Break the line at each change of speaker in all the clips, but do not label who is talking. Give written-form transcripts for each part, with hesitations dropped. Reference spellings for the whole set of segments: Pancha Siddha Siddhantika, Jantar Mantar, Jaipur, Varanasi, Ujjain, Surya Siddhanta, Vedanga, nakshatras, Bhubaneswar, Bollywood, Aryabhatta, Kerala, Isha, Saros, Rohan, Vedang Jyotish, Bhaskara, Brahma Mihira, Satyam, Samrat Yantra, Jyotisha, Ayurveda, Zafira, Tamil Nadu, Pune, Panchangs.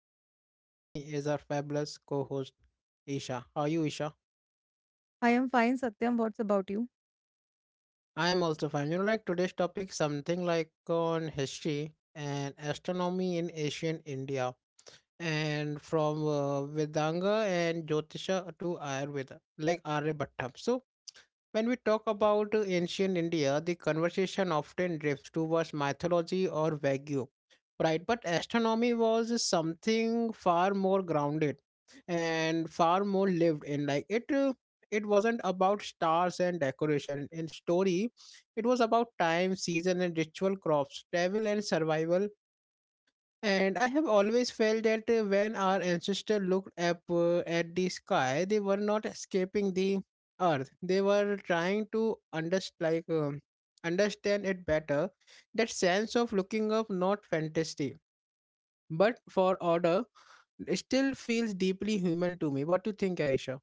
Satyam and with me is our fabulous co-host Isha. How are you Isha?
I am fine, Satyam. What's about you?
I am also fine. You know like today's topic something like on history and astronomy in ancient India and from Vedanga and Jyotisha to Ayurveda like Aryabhatta. So when we talk about ancient India, the conversation often drifts towards mythology or vague, right? But astronomy was something far more grounded and far more lived in. Like it wasn't about stars and decoration. In story, it was about time, season, and ritual crops, travel and survival, and I have always felt that when our ancestors looked up at the sky, they were not escaping the earth. They were trying to understand it better. That sense of looking up, not fantasy, but for order, still feels deeply human to me. What do you think, Aisha?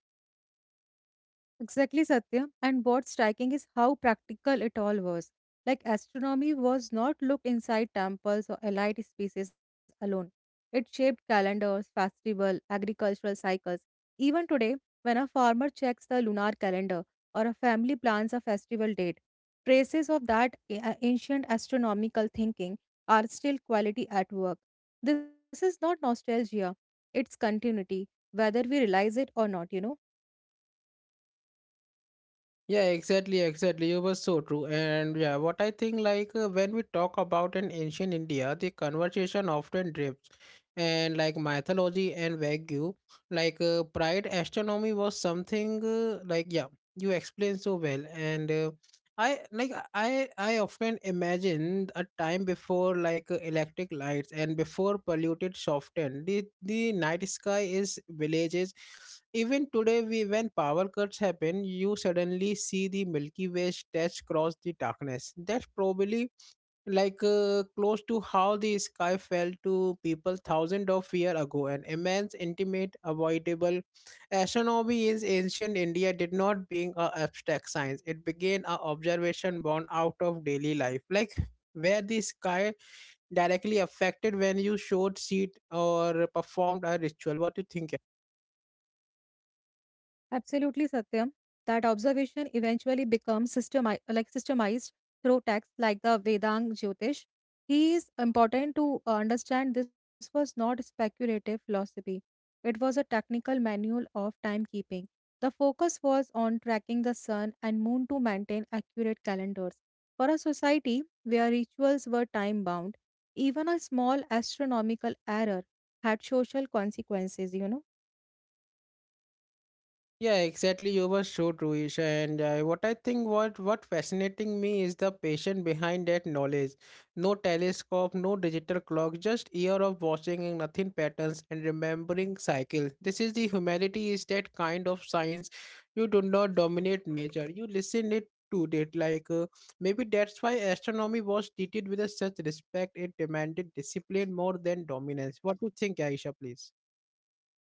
Exactly, Satya. And what's striking is how practical it all was. Like astronomy was not looked inside temples or elite spaces alone. It shaped calendars, festival, agricultural cycles. Even today, when a farmer checks the lunar calendar or a family plans a festival date, traces of that ancient astronomical thinking are still quality at work. This is not nostalgia, it's continuity, whether we realize it or not.
Yeah, exactly, exactly. You were so true. And yeah, what I think, like, when we talk about an ancient India, the conversation often drifts. And like mythology and Wagyu, like, pride astronomy was something, like, yeah, you explained so well. And I like I often imagine a time before like electric lights and before polluted softened the night sky is villages. Even today, we when power cuts happen, you suddenly see the Milky Way stretch across the darkness. That's probably like close to how the sky fell to people thousands of years ago, an immense intimate avoidable. Astronomy in ancient India did not being a abstract science, it began a observation born out of daily life, like where the sky directly affected when you showed seat or performed a ritual. What do you think?
Absolutely, Satyam. That observation eventually becomes like systemized through texts like the Vedang Jyotish. He is important to understand this was not speculative philosophy. It was a technical manual of timekeeping. The focus was on tracking the sun and moon to maintain accurate calendars. For a society where rituals were time bound, even a small astronomical error had social consequences.
Yeah, exactly. You were so true, Isha. And what I think what fascinating me is the passion behind that knowledge. No telescope, no digital clock, just year of watching and nothing patterns and remembering cycles. This is the humanity is that kind of science. You do not dominate nature. You listen it to it. Like maybe that's why astronomy was treated with a such respect. It demanded discipline more than dominance. What do you think, Aisha? Please.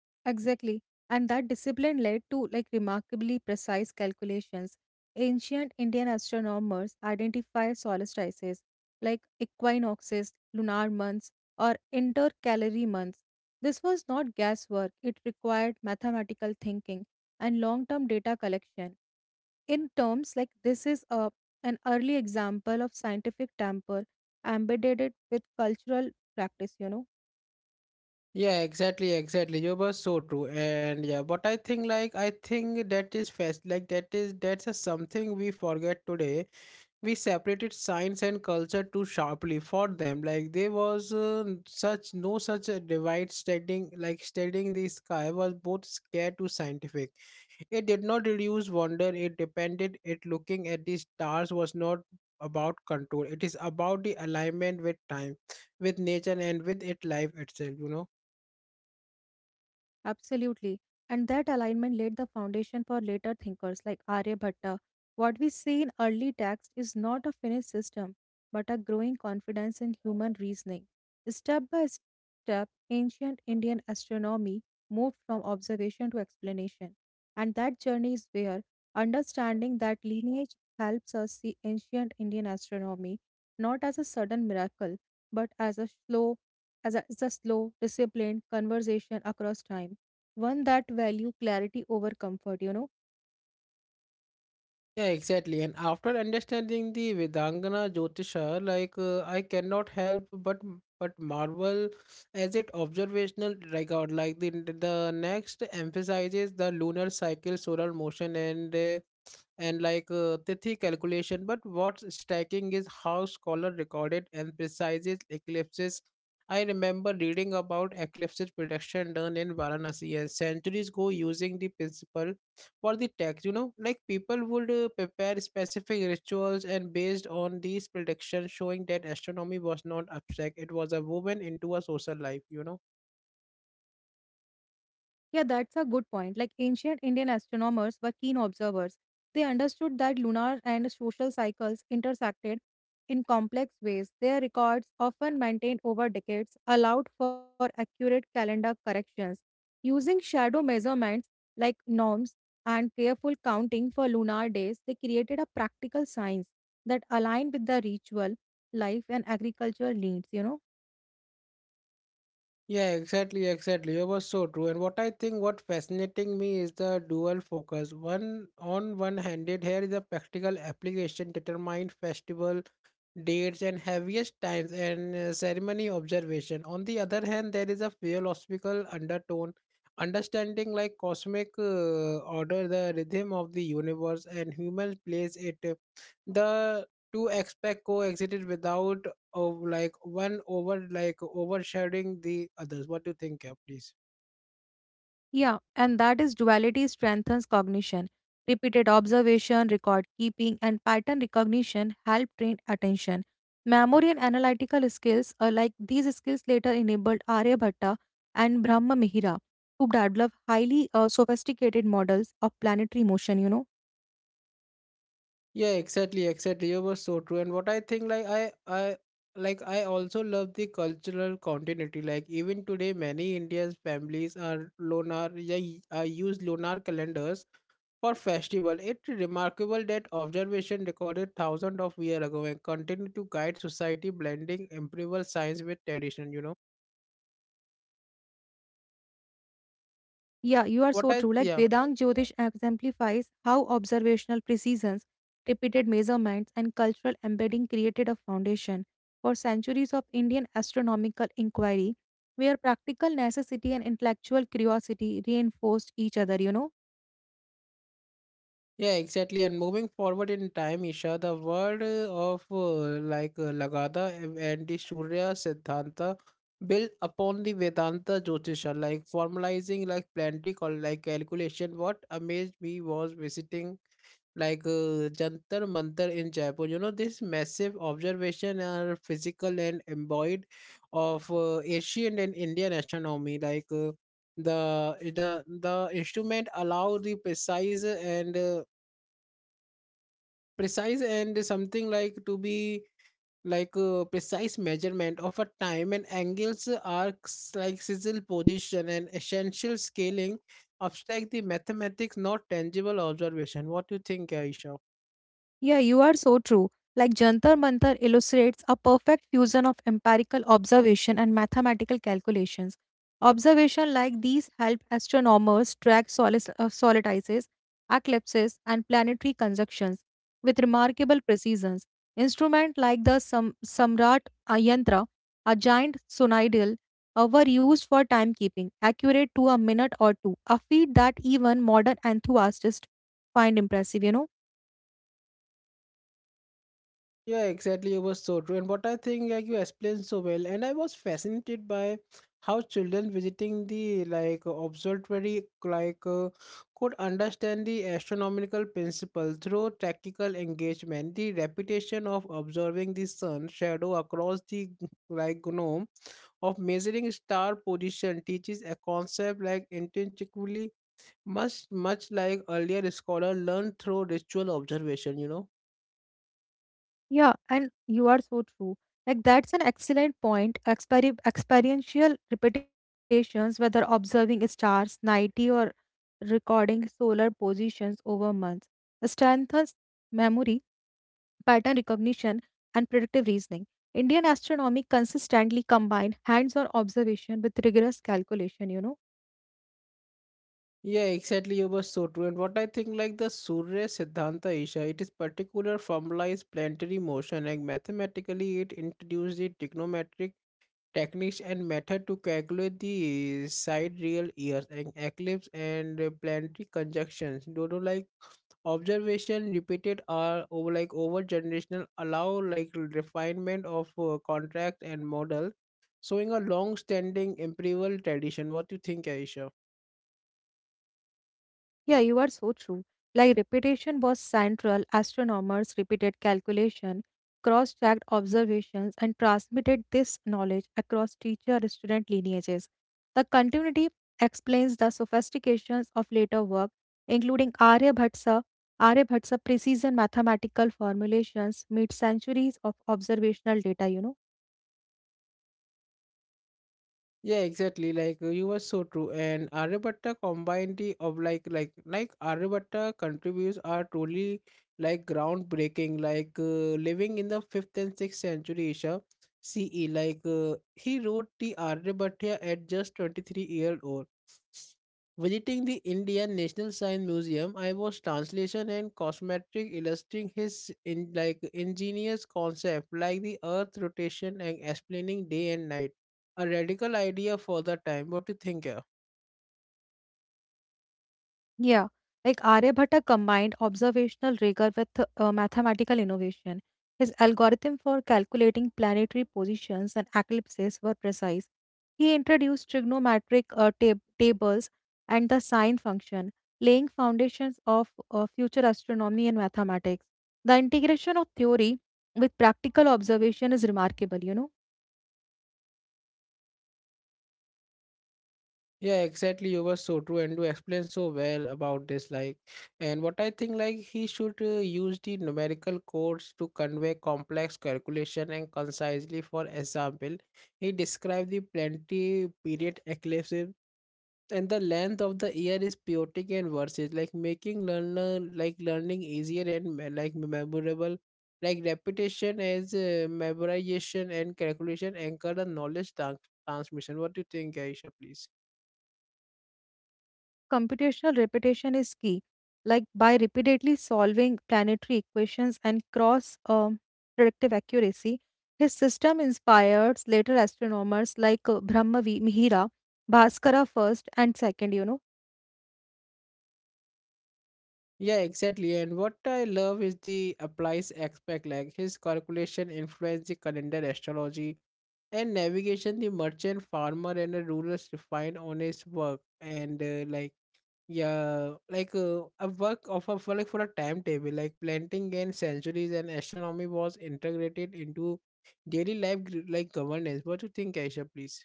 Exactly. And that discipline led to like remarkably precise calculations. Ancient Indian astronomers identified solstices like equinoxes, lunar months, or intercalary months. This was not guesswork, it required mathematical thinking and long term data collection. In terms like this is an early example of scientific temper embedded it with cultural practice.
Yeah, exactly, exactly. You were so true, and yeah, but I think that is fast. Like that's a something we forget today. We separated science and culture too sharply for them. Like there was such no such a divide. Studying the sky was both scared to scientific. It did not reduce wonder. It depended. It looking at the stars was not about control. It is about the alignment with time, with nature, and with it life itself. You know.
Absolutely. And that alignment laid the foundation for later thinkers like Aryabhatta. What we see in early texts is not a finished system, but a growing confidence in human reasoning. Step by step, ancient Indian astronomy moved from observation to explanation. And that journey is where understanding that lineage helps us see ancient Indian astronomy not as a sudden miracle, but as a slow, disciplined conversation across time, one that value clarity over comfort.
Yeah, exactly. And after understanding the Vedangana Jyotisha, like I cannot help but marvel as it observational record. Like the next emphasizes the lunar cycle, solar motion, and tithi calculation. But what's striking is how scholar recorded and precises eclipses. I remember reading about eclipses prediction done in Varanasi and centuries ago using the principle for the text. You know, like people would prepare specific rituals and based on these predictions, showing that astronomy was not abstract; it was a woven into a social life. You know.
Yeah, that's a good point. Like ancient Indian astronomers were keen observers. They understood that lunar and social cycles intersected in complex ways. Their records, often maintained over decades, allowed for accurate calendar corrections. Using shadow measurements like norms and careful counting for lunar days, they created a practical science that aligned with the ritual, life, and agricultural needs.
Yeah, exactly, exactly. It was so true. And what I think what fascinating me is the dual focus. One on one handed here is a practical application determine festival dates and heaviest times and ceremony observation. On the other hand, there is a philosophical undertone, understanding like cosmic order, the rhythm of the universe, and human place it. The two expect coexisted without of like one overshadowing the others. What do you think, yeah, please?
Yeah, and that is duality strengthens cognition. Repeated observation, record keeping, and pattern recognition help train attention. Memory and analytical skills are like these skills later enabled Aryabhatta and Brahma Mihira to develop highly sophisticated models of planetary motion.
Yeah, exactly, exactly. You were so true, and what I think, like I also love the cultural continuity. Like even today many India's families are lunar, yeah, use lunar calendars for festival. It's remarkable that observation recorded thousands of years ago and continue to guide society, blending empirical science with tradition. You know
Yeah, you are so
what I,
true. Like
yeah.
Vedang Jyotish exemplifies how observational precisions, repeated measurements, and cultural embedding created a foundation for centuries of Indian astronomical inquiry, where practical necessity and intellectual curiosity reinforced each other.
Yeah, exactly. And moving forward in time, Isha, the word of like Lagada and the Surya Siddhanta built upon the Vedanta Jyotisha, like formalizing like planetary or like calculation. What amazed me was visiting like Jantar Mantar in Jaipur. You know, this massive observation are physical and embodied of ancient and Indian astronomy, like. The instrument allow the precise and precise and something like to be like a precise measurement of a time and angles arcs like sizzle position and essential scaling abstract the mathematics not tangible observation. What do you think, Aisha?
Yeah, you are so true. Like Jantar Mantar illustrates a perfect fusion of empirical observation and mathematical calculations. Observation like these help astronomers track solstices, eclipses, and planetary conjunctions with remarkable precision. Instruments like the Samrat Yantra, a giant sonidal, were used for timekeeping, accurate to a minute or two, a feat that even modern enthusiasts find impressive.
Yeah, exactly. It was so true. And what I think, like you explained so well, and I was fascinated by how children visiting the like observatory like could understand the astronomical principle through tactical engagement. The reputation of observing the sun shadow across the like gnome of measuring star position teaches a concept like intrinsically much much like earlier scholar learned through ritual observation. You know.
Yeah, and you are so true. Like that's an excellent point. Experiential repetitions, whether observing stars, nighty, or recording solar positions over months, strengthens memory, pattern recognition, and predictive reasoning. Indian astronomy consistently combine hands-on observation with rigorous calculation.
Yeah, exactly. You were so true. And what I think, like the Surya Siddhanta Isha, it is particular formalized planetary motion. Like mathematically, it introduced the trigonometric techniques and method to calculate the sidereal years, and eclipse, and planetary conjunctions. Dodo like observation repeated are over generational allow like refinement of contract and model, showing a long-standing empirical tradition. What do you think, Aisha?
Yeah, you are so true. Like repetition was central, astronomers repeated calculation, cross-checked observations, and transmitted this knowledge across teacher-student lineages. The continuity explains the sophistications of later work, including Aryabhata's precision mathematical formulations, mid-centuries of observational data.
Yeah, exactly. Like you were so true. And Aryabhatta combined the of like Aryabhatta contributes are truly like groundbreaking. Like living in the fifth and sixth century Isha CE. Like he wrote the Aryabhatta at just 23 year old. Visiting the Indian National Science Museum, I was translation and cosmetic illustrating his in like ingenious concept like the Earth rotation and explaining day and night, a radical idea for the time. What do you think? Yeah,
Yeah, like Aryabhatta combined observational rigor with mathematical innovation. His algorithm for calculating planetary positions and eclipses were precise. He introduced trigonometric tables and the sine function, laying foundations of future astronomy and mathematics. The integration of theory with practical observation is remarkable.
yeah, exactly. You were so true, and you explained so well about this. Like, and what I think, like, he should use the numerical codes to convey complex calculation and concisely. For example, he described the plenty period eclipse and the length of the year is chaotic and versus like making learner like learning easier and memorable like repetition as memorization and calculation anchor the knowledge transmission. What do you think, Aisha? Please.
Computational repetition is key. Like by repeatedly solving planetary equations and cross predictive accuracy, his system inspires later astronomers like Brahma Mihira, Bhaskara first and second.
Yeah, exactly. And what I love is the applies aspect, like his calculation influence the calendar astrology and navigation, the merchant farmer and the ruler refined on his work, and like. Yeah, like a work of a for a timetable, like planting and centuries and astronomy was integrated into daily life, governance. What do you think, Aisha? Please.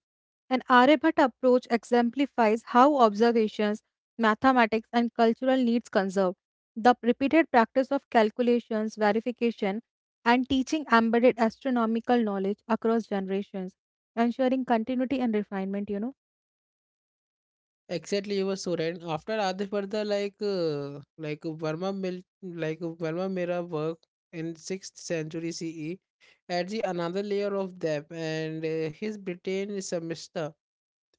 Yeah, an Aryabhatta approach exemplifies how observations, mathematics, and cultural needs conserve. The repeated practice of calculations, verification, and teaching embedded astronomical knowledge across generations, ensuring continuity and refinement.
Exactly, you were so right. After Adhiparda, like Burma Mira work in sixth century CE, adds the another layer of depth, and his Britain semester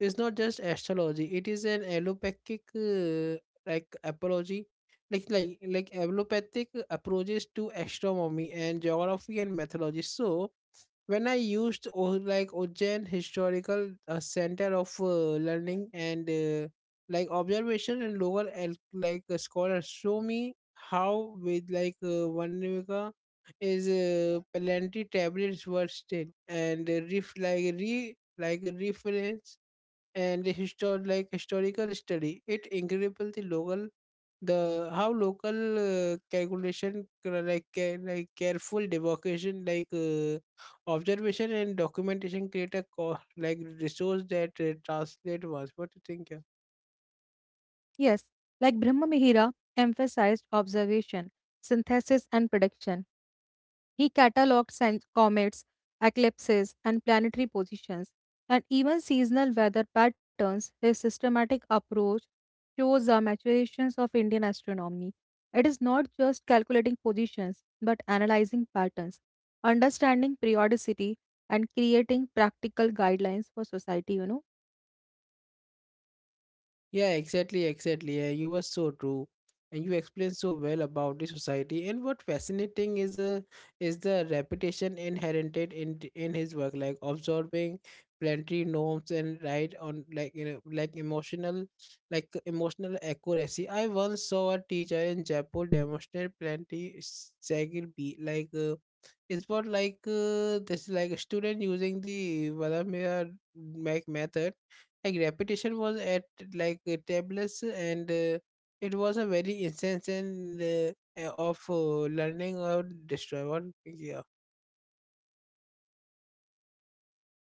it's not just astrology, it is an allopathic like apology like allopathic approaches to astronomy and geography and mythology. So when I used ojan historical center of learning and like observation and local scholars show me how with like Vanvika is plenty tablets were still and reference and the historical study it incredible the local, the how local calculation like careful devocation like observation and documentation create a resource that translate once. What do you think, yeah?
Yes, like Brahma Mihira emphasized observation, synthesis, and prediction. He catalogued comets, eclipses, and planetary positions, and even seasonal weather patterns. His systematic approach shows a maturation of Indian astronomy. It is not just calculating positions, but analyzing patterns, understanding periodicity, and creating practical guidelines for society?
Yeah, exactly, exactly. Yeah, you were so true, and you explained so well about the society. And what fascinating is the reputation inherited in his work, like absorbing planetary norms and right on like you know like emotional accuracy. I once saw a teacher in Jaipur demonstrate planetary cycle beat like. It's what like this like a student using the Valamir like method like repetition was at like tablets, and it was a very instance and of learning or destroy. What? Yeah,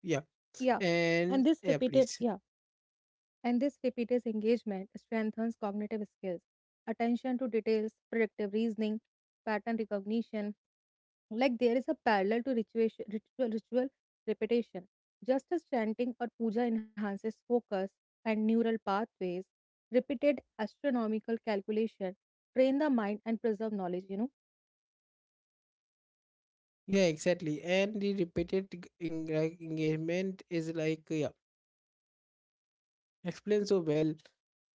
yeah,
Yeah.
and
And this
yeah,
repeated,
please.
yeah. And this repeated engagement strengthens cognitive skills, attention to details, predictive reasoning, pattern recognition, like there is a parallel to ritual repetition. Just as chanting or puja enhances focus and neural pathways, repeated astronomical calculation train the mind and preserve knowledge, you know.
Yeah, exactly. And the repeated engagement is like yeah, explained so well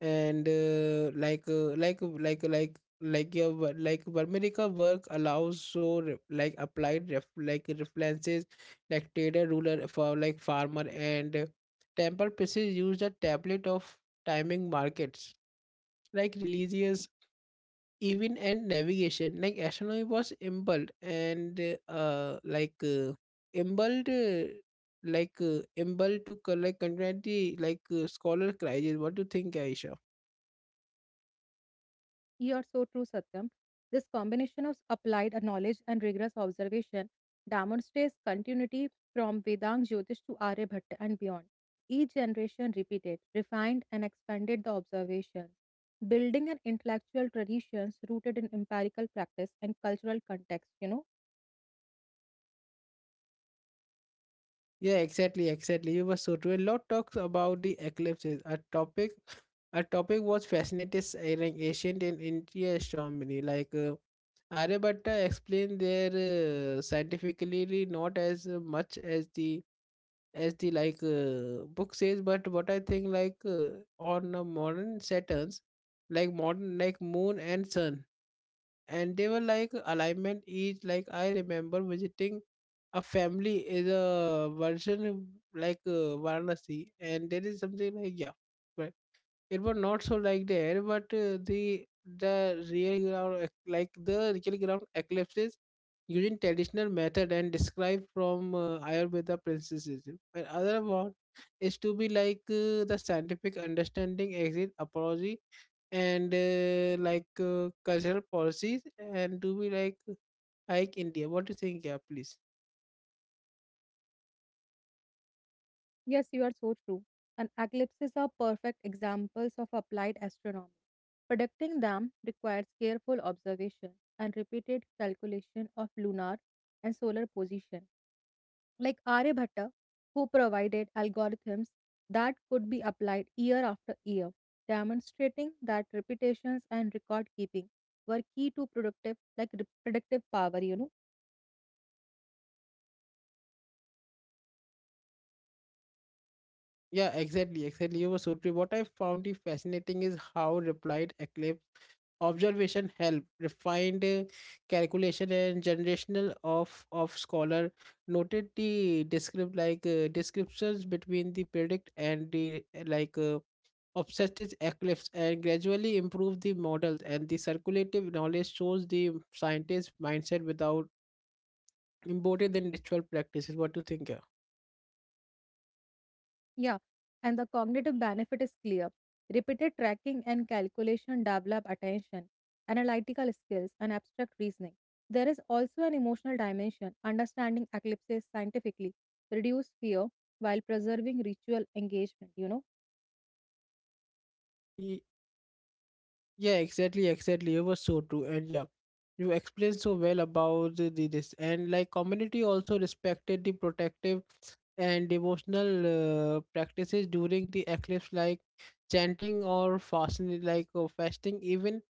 and your America work allows so applied references like trader ruler for like farmer and temple pieces use a tablet of timing markets, like religious even, and navigation like astronomy was embalmed and uh like uh, embalmed embalmed to contemporary scholar crisis. What do you think, Aisha?
You are so true, Satyam. This combination of applied knowledge and rigorous observation demonstrates continuity from Vedang Jyotish to Aryabhatta and beyond. Each generation repeated, refined, and expanded the observations, building an intellectual traditions rooted in empirical practice and cultural context.
Yeah, exactly, exactly. You were so true. A lot talks about the eclipses. A topic, a topic was fascinating, airing ancient and Indian astronomy, Aryabhatta explained their scientifically not as much as the book says. But what I think, on a modern saturns, like modern like moon and sun, and they were like alignment each. Like I remember visiting a family is a version of, Varanasi, and there is something like yeah, it was not so like there, but the real ground the real ground eclipses using traditional method and described from Ayurveda principles. And other one is to be the scientific understanding, exit apology, and cultural policies, and to be hike India. What do you think, yeah, please?
Yes, you are so true. And eclipses are perfect examples of applied astronomy. Predicting them requires careful observation and repeated calculation of lunar and solar position. Like Aryabhatta, who provided algorithms that could be applied year after year, demonstrating that repetitions and record keeping were key to productive predictive power.
Yeah, exactly, exactly. You were so true. What I found it fascinating is how replied Eclipse observation help refined calculation and generational of scholar noted the descriptions between the predict and the obsessed eclipse, and gradually improved the models. And the circulative knowledge shows the scientist mindset without imported in ritual practices. What do you think,
Yeah, and the cognitive benefit is clear. Repeated tracking and calculation develop attention, analytical skills, and abstract reasoning. There is also an emotional dimension, understanding eclipses scientifically, reduce fear while preserving ritual engagement.
yeah? Yeah, exactly, exactly. It was so true, and yeah, you explained so well about this, and like community also respected the protective and devotional practices during the eclipse, like chanting or fasting, like or fasting. Even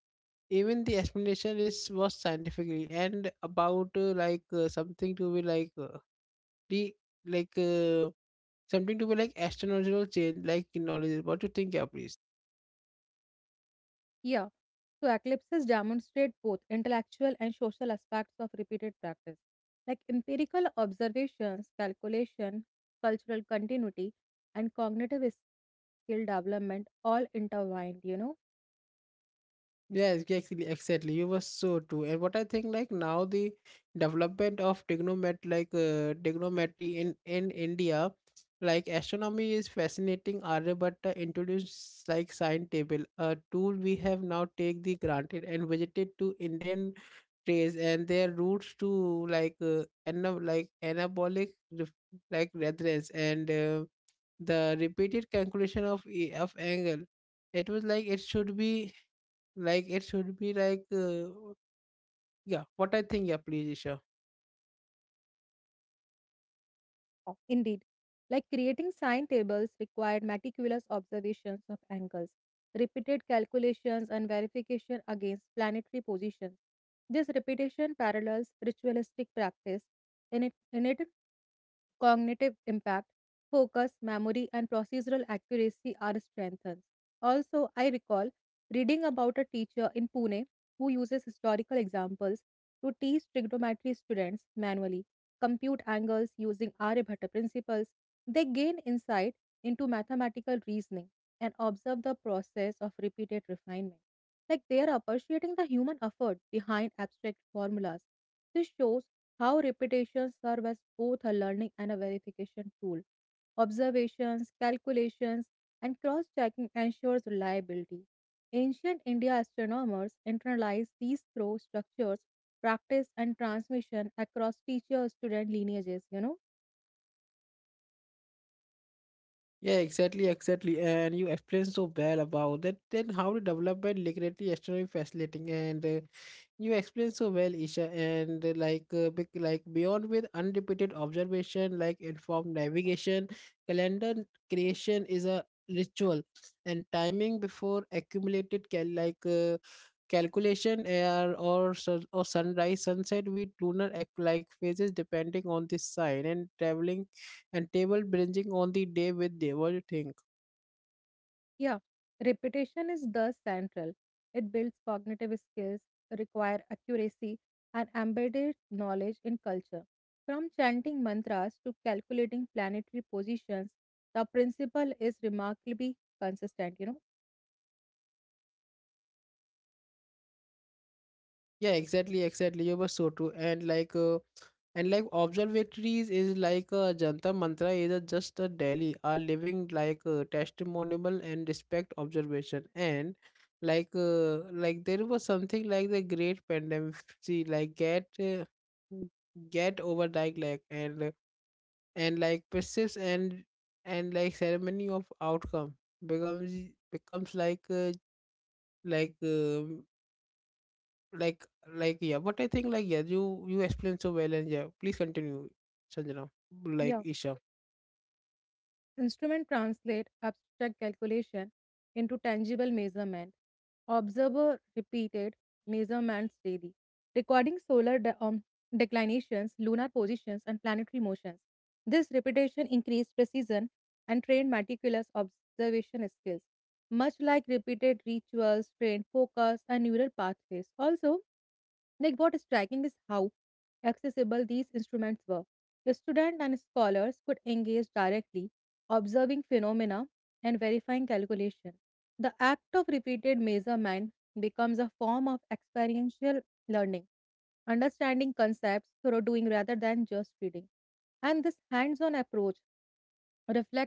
even the explanation is was scientifically, and about something to be the like uh, something to be like astronomical change, like in knowledge. What do you think, yeah, please?
Yeah, so eclipses demonstrate both intellectual and social aspects of repeated practice, like empirical observations, calculation, cultural continuity, and cognitive skill development all intertwined.
Yes, exactly, exactly. You were so true. And what I think, like now, the development of trigonometry in India, like astronomy is fascinating. Array, but introduced like sine table, a tool we have now take the granted, and visited to Indian trace and their roots to anabolic reference, and the repeated calculation of angle. It was like it should be like it should be yeah, what I think, yeah, please, Isha.
Oh. Indeed, like creating sine tables required meticulous observations of angles, repeated calculations, and verification against planetary positions. This repetition parallels ritualistic practice in it, cognitive impact, focus, memory, and procedural accuracy are strengthened. Also, I recall reading about a teacher in Pune who uses historical examples to teach trigonometry students manually, compute angles using Aryabhatta principles. They gain insight into mathematical reasoning and observe the process of repeated refinement. Like they are appreciating the human effort behind abstract formulas. This shows how repetitions serve as both a learning and a verification tool. Observations, calculations, and cross checking ensures reliability. Ancient India astronomers internalized these through structures, practice, and transmission across teacher student lineages.
Yeah, exactly, exactly. And you explained so well about that. Then how the development liquidity is extremely fascinating, and you explain so well, Isha, and beyond with unrepeated observation, like informed navigation, calendar creation is a ritual, and timing before accumulated calculation air or sunrise sunset with lunar phases depending on the sign and traveling, and table bridging on the day with day. What do you think?
Yeah, repetition is thus central. It builds cognitive skills, require accuracy, and embedded knowledge in culture. From chanting mantras to calculating planetary positions, the principle is remarkably consistent.
Yeah, exactly, exactly. You were so true, and and like observatories is like a jantar mantra is a, just a daily are living like a testimonial and respect observation, and like uh, like there was something like the great pandemic, see, like get over and like persists, and like ceremony of outcome becomes becomes like uh, like um like yeah, but I think like yeah, you explained so well, and yeah, please continue, Sanjana. Like Isha.
Yeah. Instrument translate abstract calculation into tangible measurement. Observer repeated measurements daily, recording solar declinations, lunar positions, and planetary motions. This repetition increased precision and trained meticulous observation skills. Much like repeated rituals, trained focus and neural pathways. Also, like what striking is how accessible these instruments were. Students and scholars could engage directly observing phenomena, and verifying calculation. The act of repeated measurement becomes a form of experiential learning, understanding concepts through doing rather than just reading. And this hands on approach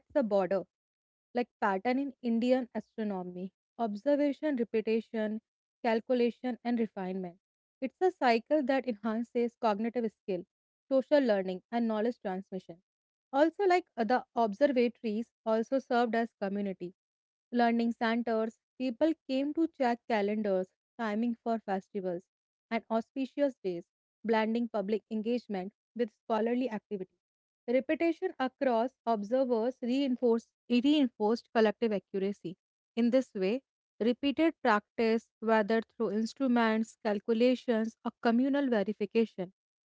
reflects a border, like pattern in Indian astronomy, observation, repetition, calculation, and refinement. It's a cycle that enhances cognitive skill, social learning, and knowledge transmission. Also, like the observatories, also served as community learning centers. People came to check calendars, timing for festivals, and auspicious days, blending public engagement with scholarly activity. Repetition across observers reinforced collective accuracy. In this way, repeated practice, whether through instruments, calculations, or communal verification,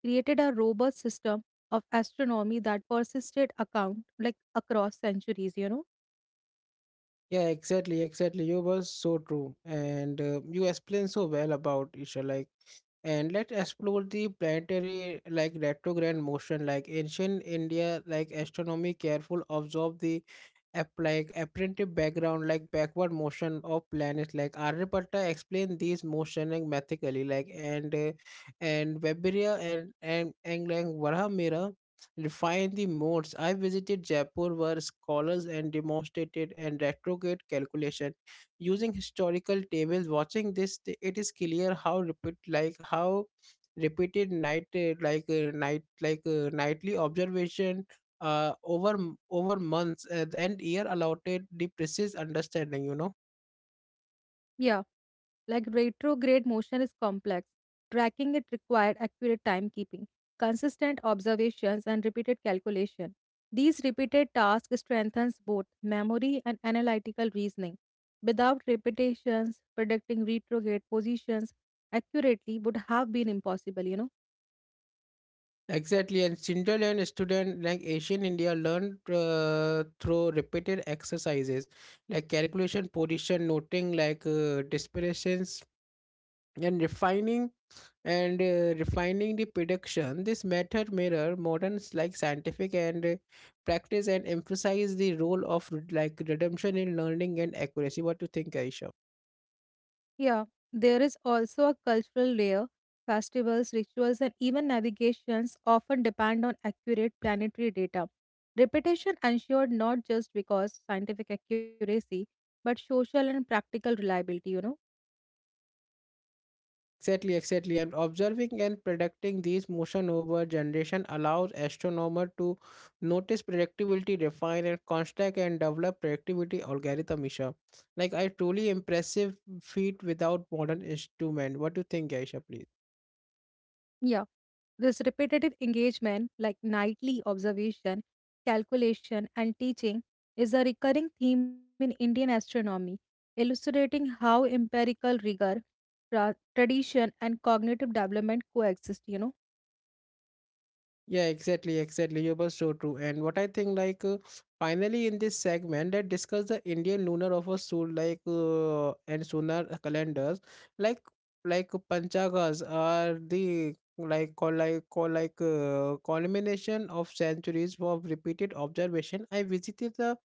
created a robust system of astronomy that persisted account like across centuries?
Yeah, exactly, exactly. You were so true, and you explained so well about Isha. Like and let's explore the planetary like retrograde motion. Like ancient India like astronomy careful observe the apparent background like backward motion of planets, like Aryabhatta explained these motion, like mathematically, like and Weberia and England Mira refine the modes. I visited Jaipur where scholars and demonstrated and retrograde calculation using historical tables. Watching this it is clear how repeat like how repeated nightly observation over months and year allotted the precise understanding, you know.
Yeah. Like retrograde motion is complex. Tracking it required accurate timekeeping, consistent observations, and repeated calculation. These repeated tasks strengthens both memory and analytical reasoning. Without repetitions, predicting retrograde positions accurately would have been impossible.
Exactly, and Cinderland student like Asian India learned through repeated exercises, like calculation position, noting disparitions and refining and refining the production. This method mirror modern like scientific and practice, and emphasize the role of like redemption in learning and accuracy. What do you think, Aisha?
Yeah, there is also a cultural layer. Festivals, rituals, and even navigations often depend on accurate planetary data. Repetition ensured not just because scientific accuracy, but social and practical reliability?
Exactly, exactly. And observing and predicting these motion over generation allows astronomer to notice predictability, refine and construct and develop predictability algorithm. Isha, like I truly impressive feat without modern instrument. What do you think, Aisha, please?
Yeah, this repetitive engagement, like nightly observation, calculation, and teaching, is a recurring theme in Indian astronomy, illustrating how empirical rigor, tradition, and cognitive development coexist?
Yeah, exactly, exactly. You were so true. And what I think, like, finally in this segment, that discuss the Indian lunar of a soul, like, and solar calendars, like, like Panchagas are the call culmination of centuries of repeated observation. I visited the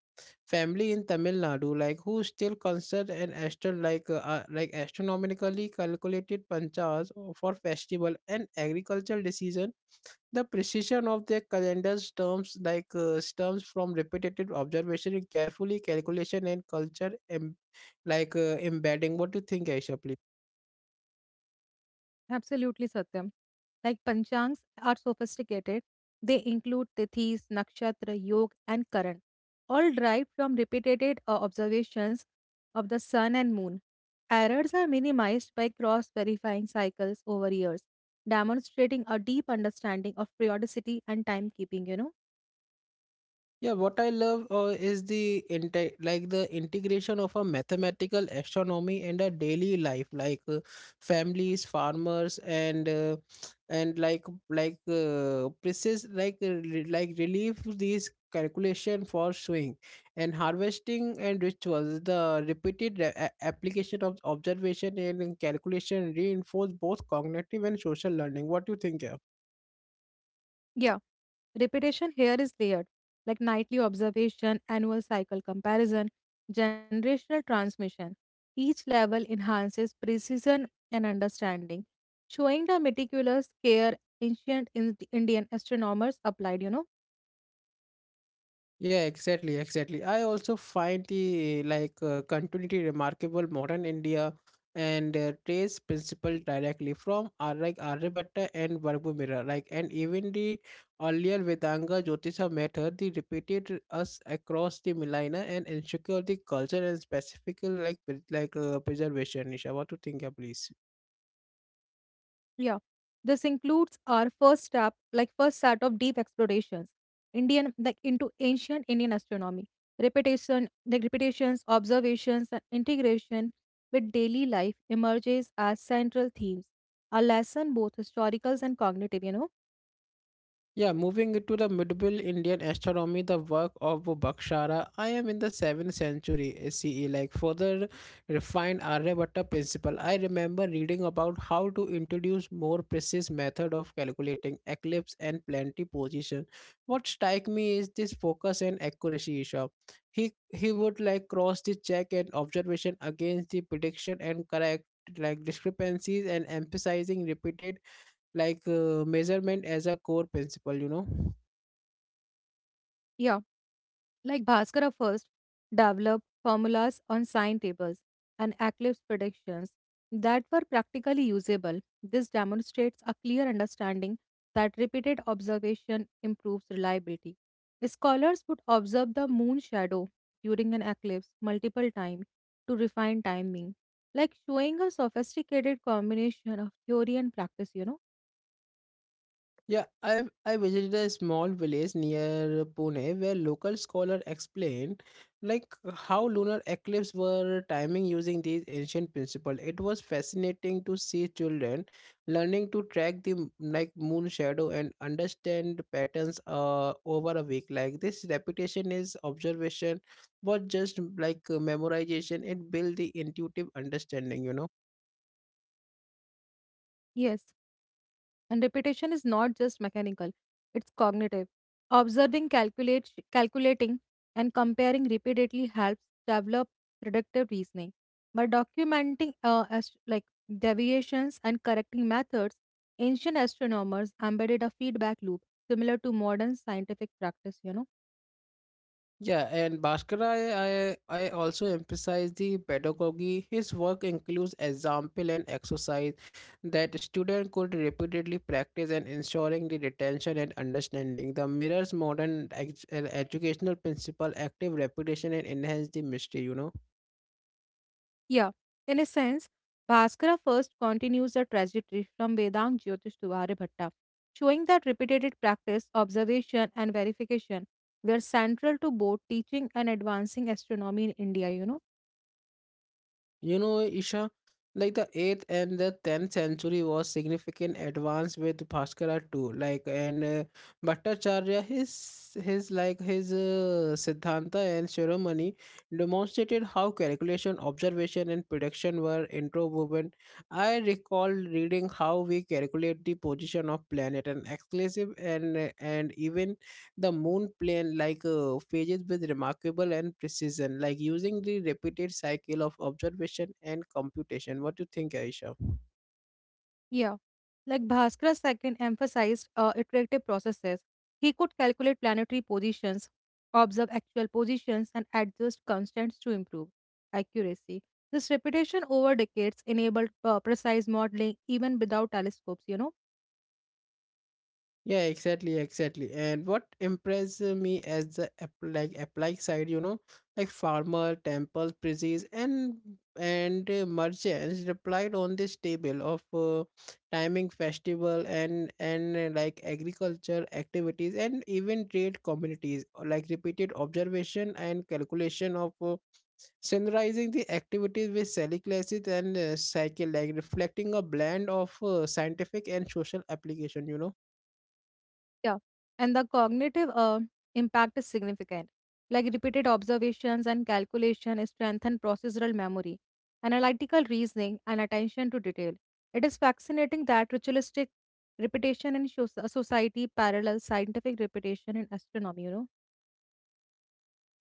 family in Tamil Nadu, like who still consider an astronomically calculated panchas for festival and agricultural decision. The precision of their calendars terms stems from repetitive observation, and carefully calculation, and culture, embedding. What do you think, Aisha? Please.
Absolutely, Satyam. Like Panchangs are sophisticated. They include tithis, nakshatra, yog, and karan, all derived from repeated observations of the sun and moon. Errors are minimized by cross verifying cycles over years, demonstrating a deep understanding of periodicity and timekeeping,
Yeah, what I love is the the integration of a mathematical astronomy and a daily life, families, farmers, and precise relief these calculation for sowing and harvesting and rituals. The repeated application of observation and calculation reinforce both cognitive and social learning. What do you think? Yeah.
know. Repetition here is layered, like nightly observation, annual cycle comparison, generational transmission. Each level enhances precision and understanding, showing the meticulous care ancient Indian astronomers applied.
Yeah, exactly, exactly. I also find the continuity remarkable. Modern India and trace principle directly from like Aryabhatta and Virabhumira. Like and even the earlier Vedanga Jyotisha method, they repeated us across the millennia, and ensure the culture and specific preservation. Nisha, what to think, yeah, please?
Yeah, this includes our first step, like first set of deep explorations, Indian like into ancient Indian astronomy, like repetitions, observations, and integration with daily life emerges as central themes. A lesson both historical and cognitive.
Yeah, moving it to the medieval Indian astronomy, the work of Bhaskara, I am in the 7th century CE, like further refined Aryabhatta principle. I remember reading about how to introduce more precise method of calculating eclipse and planetary position. What strike me is this focus and accuracy issue. He would like cross the check and observation against the prediction and correct like discrepancies, and emphasizing repeated measurement as a core principle, you know.
Yeah. Like Bhaskara first developed formulas on sine tables and eclipse predictions that were practically usable. This demonstrates a clear understanding that repeated observation improves reliability. Scholars would observe the moon shadow during an eclipse multiple times to refine timing, like showing a sophisticated combination of theory and practice, you know?
Yeah, I visited a small village near Pune where local scholar explained like how lunar eclipses were timing using these ancient principle. It was fascinating to see children learning to track the moon shadow and understand patterns over a week. Like this repetition is observation was just memorization. It built the intuitive understanding, you know.
Yes. And repetition is not just mechanical, it's cognitive. Observing, calculating, and comparing repeatedly helps develop predictive reasoning. By documenting as, like deviations and correcting methods, ancient astronomers embedded a feedback loop similar to modern scientific practice, you know.
Yeah, and Bhaskara, I also emphasize the pedagogy. His work includes example and exercise that student could repeatedly practice and ensuring the retention and understanding. The mirrors modern educational principle, active repetition and enhance the mystery, you know.
Yeah, in a sense, Bhaskara first continues the trajectory from Vedang Jyotish to Aryabhatta, showing that repeated practice, observation, and verification were central to both teaching and advancing astronomy in India, you know.
You know, Isha, like the 8th and the 10th century was significant advance with Bhaskara too. Like and Bhattacharya, his like his Siddhanta and ceremony demonstrated how calculation, observation, and prediction were interwoven. I recall reading how we calculate the position of planet and exclusive and even the moon plane phases with remarkable and precision, like using the repeated cycle of observation and computation. What do you think, Aisha?
Yeah, like Bhaskara II emphasized iterative processes. He could calculate planetary positions, observe actual positions, and adjust constants to improve accuracy. This repetition over decades enabled precise modeling even without telescopes, you know.
Yeah, exactly, exactly. And what impressed me as the apply side, you know, like farmer, temple, priests, and merchants replied on this table of timing festival and like agriculture activities, and even trade communities or like repeated observation and calculation of synchronizing the activities with cell classes and cycle, like reflecting a blend of scientific and social application, you know.
Yeah. And the cognitive impact is significant. Like repeated observations and calculation strengthen procedural memory, analytical reasoning, and attention to detail. It is fascinating that ritualistic repetition in society parallels scientific repetition in astronomy, you know?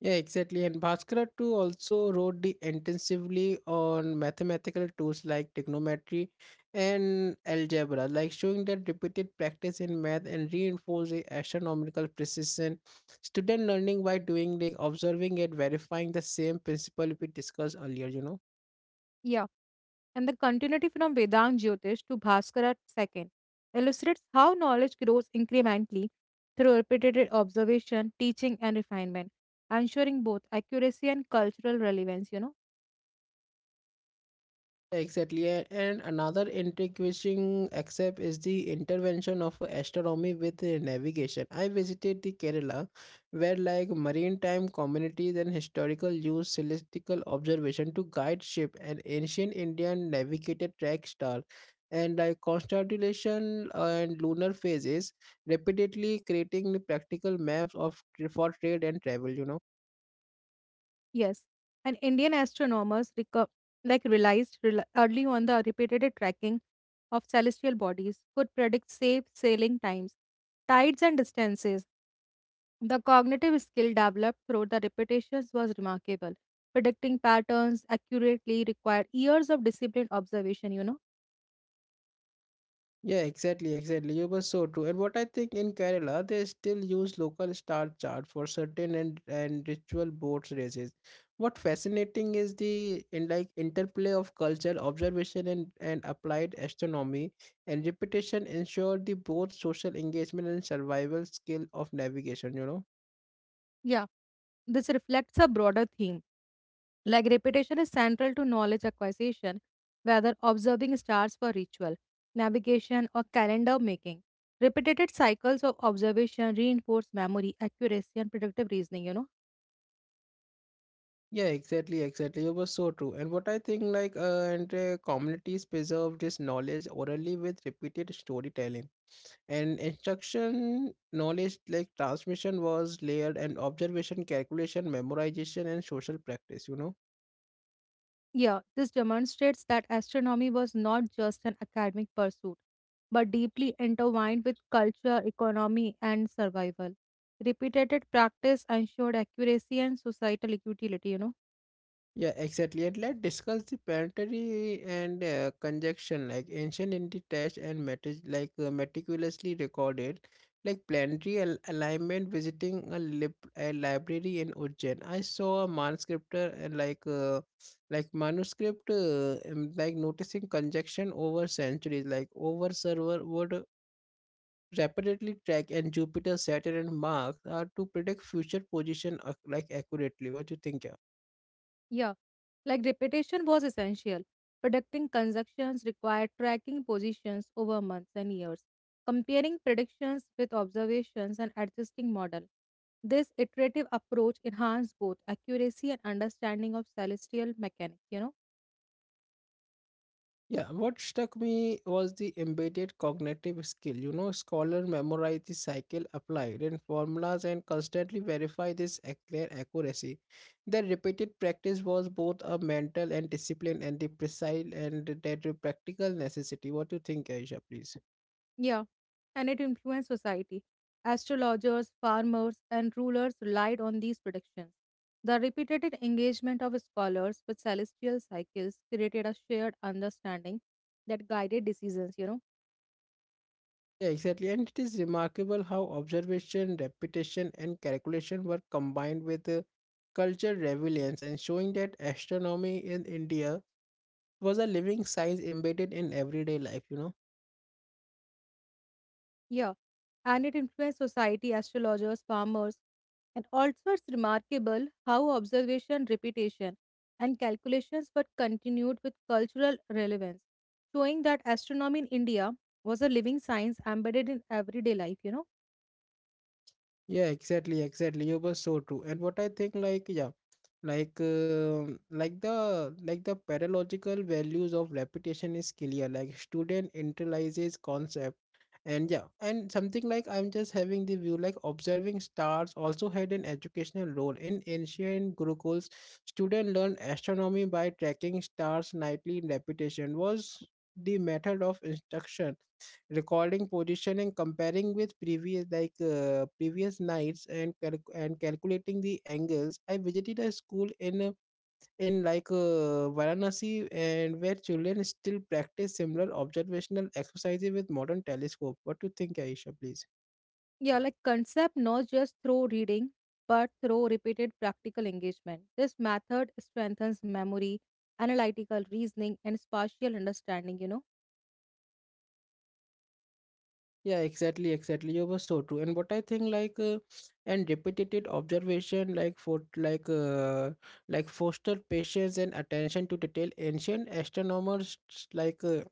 Yeah, exactly. And Bhaskara too also wrote the intensively on mathematical tools like trigonometry and algebra, like showing that repeated practice in math and reinforce the astronomical precision. Student learning by doing, the observing and verifying the same principle we discussed earlier, you know.
Yeah. And the continuity from Vedant Jyotish to Bhaskara II illustrates how knowledge grows incrementally through repeated observation, teaching, and refinement, ensuring both accuracy and cultural relevance, you know.
Exactly, and another intriguing aspect is the intervention of astronomy with navigation. I visited the Kerala, where like maritime communities and historical use celestial observation to guide ship. And ancient Indian navigated track star, and like constellation and lunar phases, repeatedly creating the practical maps of for trade and travel, you know.
Yes, and Indian astronomers realized early on the repeated tracking of celestial bodies could predict safe sailing times, tides, and distances. The cognitive skill developed through the repetitions was remarkable. Predicting patterns accurately required years of disciplined observation, you know.
Yeah, exactly, exactly. You were so true. And what I think in Kerala, they still use local star chart for certain and ritual boat races. What fascinating is the in like interplay of culture, observation, and applied astronomy, and reputation ensure the both social engagement and survival skill of navigation, you know.
Yeah, this reflects a broader theme. Like repetition is central to knowledge acquisition, whether observing stars for ritual, navigation, or calendar making. Repeated cycles of observation reinforce memory, accuracy, and predictive reasoning, you know.
Yeah, exactly, exactly. It was so true. And what I think, like, and communities preserve this knowledge orally with repeated storytelling and instruction. Knowledge like transmission was layered, and observation calculation memorization and social practice, you know.
Yeah, this demonstrates that astronomy was not just an academic pursuit, but deeply intertwined with culture, economy, and survival. Repeated practice ensured accuracy and societal utility, you know?
Yeah, exactly. And let's discuss the planetary and conjunction, like ancient indie test and metric meticulously recorded like planetary alignment, visiting a, a library in Ujjain. I saw a manuscript and like manuscript like noticing conjunction over centuries like over server wood rapidly track and Jupiter, Saturn, and Mars are to predict future position like accurately. What do you think? Yeah.
Yeah, like repetition was essential. Predicting conjunctions required tracking positions over months and years, comparing predictions with observations, and adjusting model. This iterative approach enhanced both accuracy and understanding of celestial mechanics, you know?
Yeah, what struck me was the embedded cognitive skill. You know, scholar memorize the cycle applied in formulas and constantly verify this their accuracy. Their repeated practice was both a mental and discipline and the precise and their practical necessity. What do you think, Aisha, please?
Yeah, and it influenced society. Astrologers, farmers, and rulers relied on these predictions. The repeated engagement of scholars with celestial cycles created a shared understanding that guided decisions, you know.
Yeah, exactly. And it is remarkable how observation, repetition, and calculation were combined with cultural relevance and showing that astronomy in India was a living science embedded in everyday life,
Yeah, and it influenced society, astrologers, farmers, and also it's remarkable how observation, repetition, and calculations were continued with cultural relevance, showing that astronomy in India was a living science embedded in everyday life, you know?
Yeah, exactly, exactly. You were so true. And what I think, like, yeah, like the pedagogical values of repetition is clear. Like, student internalizes concept and yeah and something like I'm just having the view, like observing stars also had an educational role in ancient gurukuls. Students learned astronomy by tracking stars nightly in repetition was the method of instruction, recording position and comparing with previous previous nights and and calculating the angles. I visited a school in Varanasi, and where children still practice similar observational exercises with modern telescope. What do you think, Aisha, please?
Yeah, like concept not just through reading, but through repeated practical engagement. This method strengthens memory, analytical reasoning, and spatial understanding, you know?
Yeah, exactly, exactly. You were so true. And what I think, like, and repetitive observation, like for like like foster patience and attention to detail. Ancient astronomers like uh,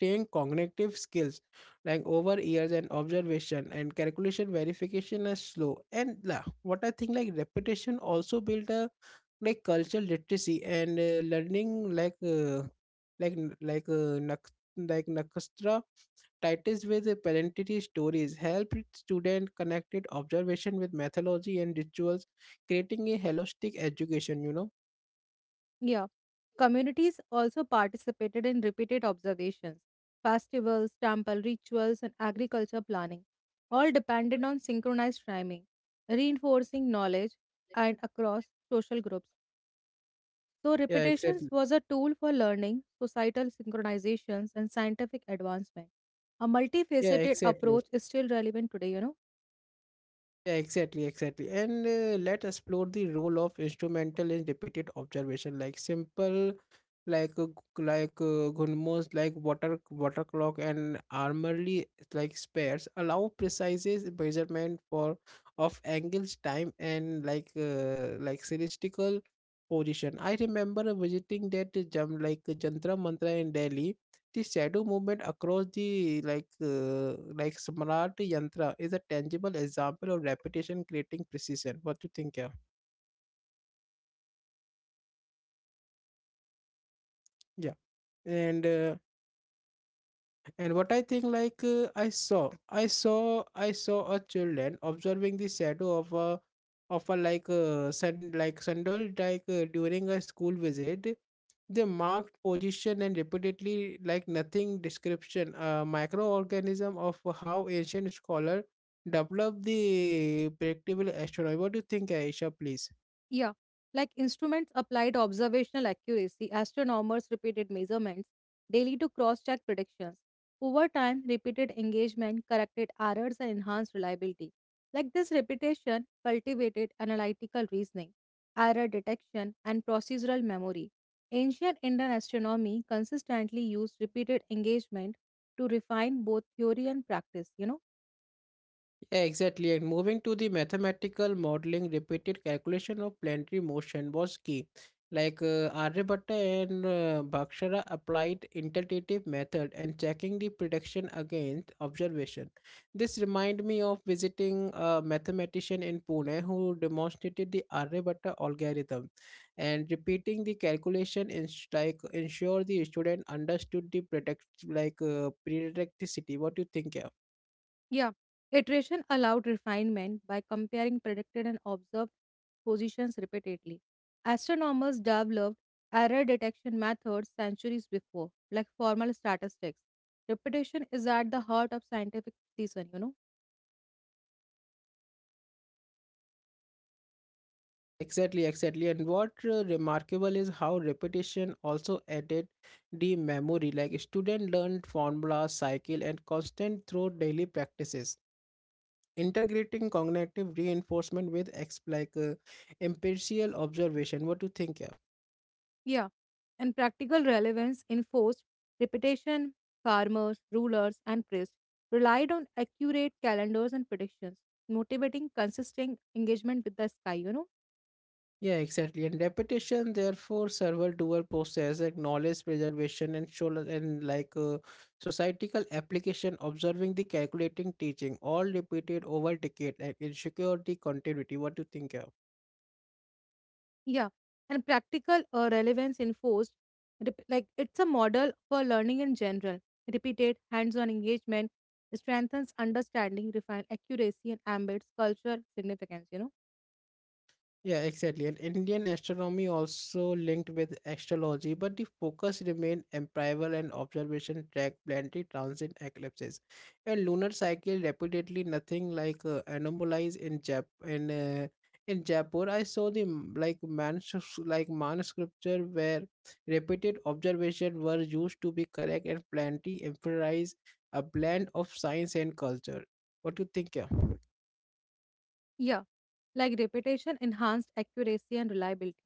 trained cognitive skills, like over years and observation and calculation verification are slow. And la what I think, like repetition also built a like cultural literacy and learning like n- like uh, nak- like nakastra titles with palliative stories help student connected observation with mythology and rituals, creating a holistic education.
Yeah. Communities also participated in repeated observations, festivals, temple rituals, and agriculture planning, all depended on synchronized timing, reinforcing knowledge and across social groups. So,
Yeah,
repetitions
exactly.
was a tool for learning, societal synchronizations, and scientific advancement. A
Yeah,
multifaceted
exactly.
approach is still relevant today, you know.
Yeah, exactly, exactly. And let explore the role of instrumental in repeated observation, like simple, like gunmos, like water clock and armorly like spares allow precise measurement for of angles, time, and like celestial position. I remember visiting that jump like Jantra Mantra in Delhi, the shadow movement across the Smart Yantra is a tangible example of repetition creating precision. What do you think? Yeah, yeah, and. Uh, And what I think, like I saw a children observing the shadow of a sun, like sandal, during a school visit. They marked position and repeatedly, like nothing description, a microorganism of how ancient scholar developed the predictable astronomy. What do you think, Aisha? Please.
Yeah, like instruments applied observational accuracy, astronomers repeated measurements daily to cross check predictions. Over time, repeated engagement corrected errors and enhanced reliability. Like this repetition cultivated analytical reasoning, error detection, and procedural memory. Ancient Indian astronomy consistently used repeated engagement to refine both theory and practice, you know.
Yeah, exactly. And moving to the mathematical modeling, repeated calculation of planetary motion was key. Aryabhatta and Bhaskara applied interpretative method and checking the prediction against observation. This remind me of visiting a mathematician in Pune who demonstrated the Aryabhatta algorithm, and repeating the calculation like ensure the student understood the predicticity. What do you think? Yeah.
Yeah, iteration allowed refinement by comparing predicted and observed positions repeatedly. Astronomers developed error detection methods centuries before, like formal statistics. Repetition is at the heart of scientific precision, you know?
Exactly, exactly. And what remarkable is how repetition also added the memory. Like student learned formula, cycle, and constant through daily practices, integrating cognitive reinforcement with empirical observation. What do you think? Yeah?
Yeah. And practical relevance enforced repetition, farmers, rulers, and priests relied on accurate calendars and predictions, motivating consistent engagement with the sky, you know?
Yeah, exactly. And repetition, therefore, several dual process like knowledge preservation and show and societal application, observing the calculating teaching, all repeated over decade, like ensure the continuity. What do you think? Yeah?
Yeah, and practical relevance enforced, it's a model for learning in general. Repeated hands-on engagement strengthens understanding, refine accuracy, and embeds culture significance. You know,
Yeah, exactly. And Indian astronomy also linked with astrology, but the focus remained empirical and observation track planetary transit eclipses and lunar cycle repeatedly nothing anomalies in Jap in Jaipur. I saw the manuscripture where repeated observation were used to be correct and planetary emphasize a blend of science and culture. What do you think? Yeah.
yeah, like repetition enhanced accuracy and reliability.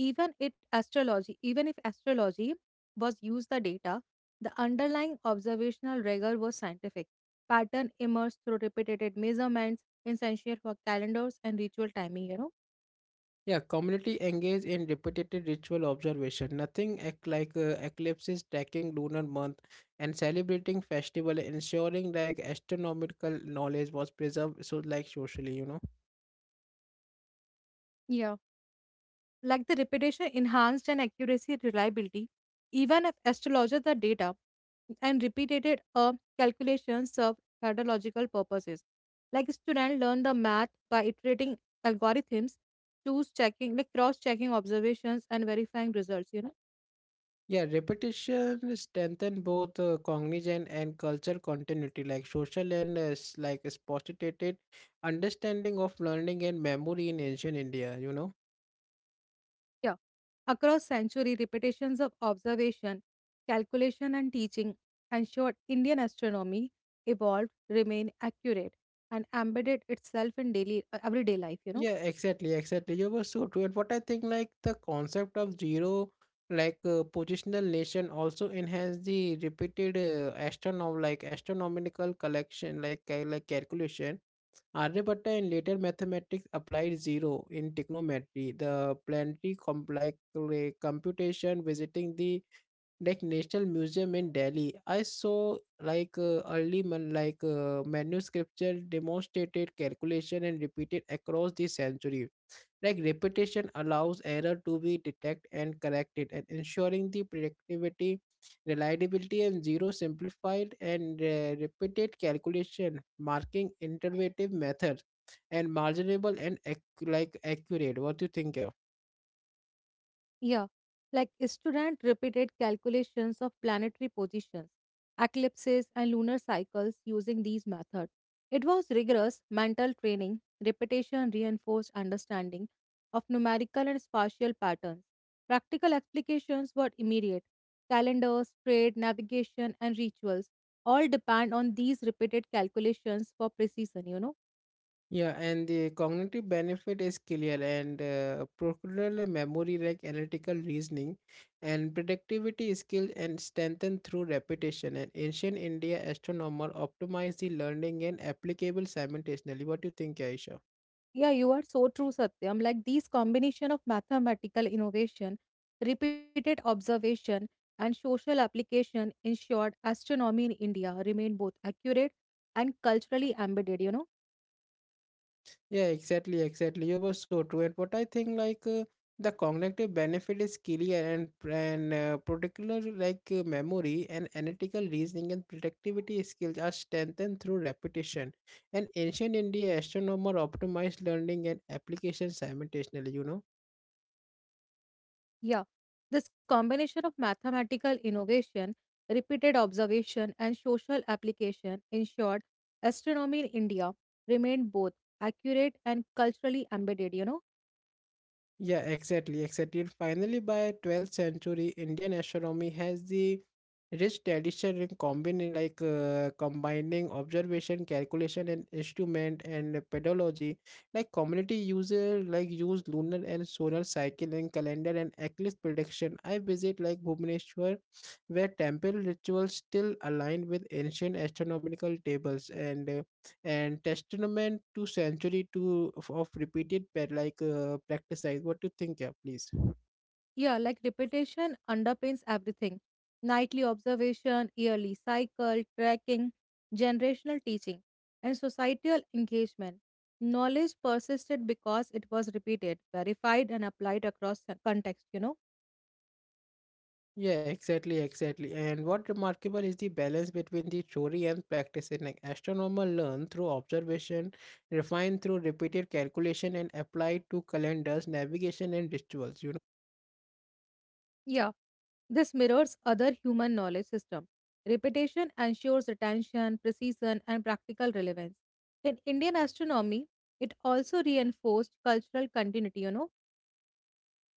Even it astrology, even if astrology was used the data, the underlying observational rigor was scientific. Pattern emerged through repeated measurements, essential for calendars and ritual timing. You know,
Yeah, community engage in repeated ritual observation. Nothing eclipses, tracking lunar month, and celebrating festival, ensuring like astronomical knowledge was preserved. So like socially, you know.
yeah. Like the repetition enhanced an accuracy and reliability even if astrologers the data and repeated calculations served pedagogical purposes like students learn the math by iterating algorithms choose checking like cross checking observations and verifying results, you know.
Yeah, repetition strengthen both cognition and culture continuity, like social and like spostitated understanding of learning and memory in ancient India. You know.
Yeah, across century repetitions of observation calculation and teaching ensured Indian astronomy evolved remained accurate and embedded itself in daily everyday life, you know.
Yeah, exactly, exactly. You were so true. And what I think, like the concept of zero, positional nation, also enhance the repeated astronom like astronomical collection, like calculation. Aryabhatta and later mathematics applied zero in trigonometry, the planetary computation. Visiting the like National Museum in Delhi, I saw early man, manuscripture demonstrated calculation and repeated across the century, like repetition allows error to be detected and corrected, and ensuring the predictability, reliability, and zero simplified and repeated calculation, marking innovative methods and marginable and like accurate. What do you think?
Yeah, like student repeated calculations of planetary positions, eclipses, and lunar cycles using these methods. It was rigorous mental training, repetition reinforced understanding of numerical and spatial patterns. Practical applications were immediate. Calendars, trade, navigation, and rituals all depend on these repeated calculations for precision, you know.
Yeah, and the cognitive benefit is clear, and procedural memory, like analytical reasoning, and productivity skills, and strengthened through repetition. And ancient India astronomer optimized the learning and applicable simultaneously. What do you think, Aisha?
Yeah, you are so true, Satyam. Like these combination of mathematical innovation, repeated observation, and social application ensured astronomy in India remained both accurate and culturally embedded, you know?
Yeah, exactly, exactly. You were so true. And what I think, the cognitive benefit is clear and particular memory and analytical reasoning and productivity skills are strengthened through repetition. And ancient India astronomer optimized learning and application simultaneously. You know.
Yeah. This combination of mathematical innovation, repeated observation, and social application ensured astronomy in India remained both accurate and culturally embedded, you know?
Yeah, exactly, exactly. And finally, by 12th century, Indian astronomy has the rich tradition in combining observation, calculation, and instrument and pedology. Like community user like use lunar and solar cycle and calendar and eclipse prediction. I visit like Bhubaneswar, where temple rituals still align with ancient astronomical tables and testament to century of repeated practice size. What do you think? Yeah, please.
Yeah, like repetition underpins everything. Nightly observation, yearly cycle, tracking, generational teaching, and societal engagement. Knowledge persisted because it was repeated, verified, and applied across the context, you know?
Yeah, exactly, exactly. And what remarkable is the balance between the theory and practice. An astronomer learn through observation, refine through repeated calculation, and apply to calendars, navigation, and rituals. You
Yeah, this mirrors other human knowledge system. Repetition ensures retention, precision, and practical relevance. In Indian astronomy, it also reinforced cultural continuity, you know?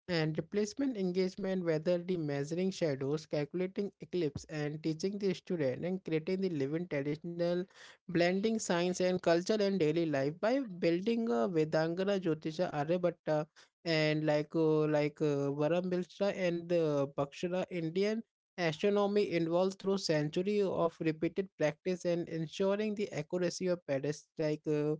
And replacement engagement, whether the measuring shadows, calculating eclipse, and teaching the student and creating the living traditional, blending science and culture and daily life by building a Vedangara Jyotisha Aryabhatta and Varam Bilstra and Bakshara Indian astronomy involves through century of repeated practice and ensuring the accuracy of pedest like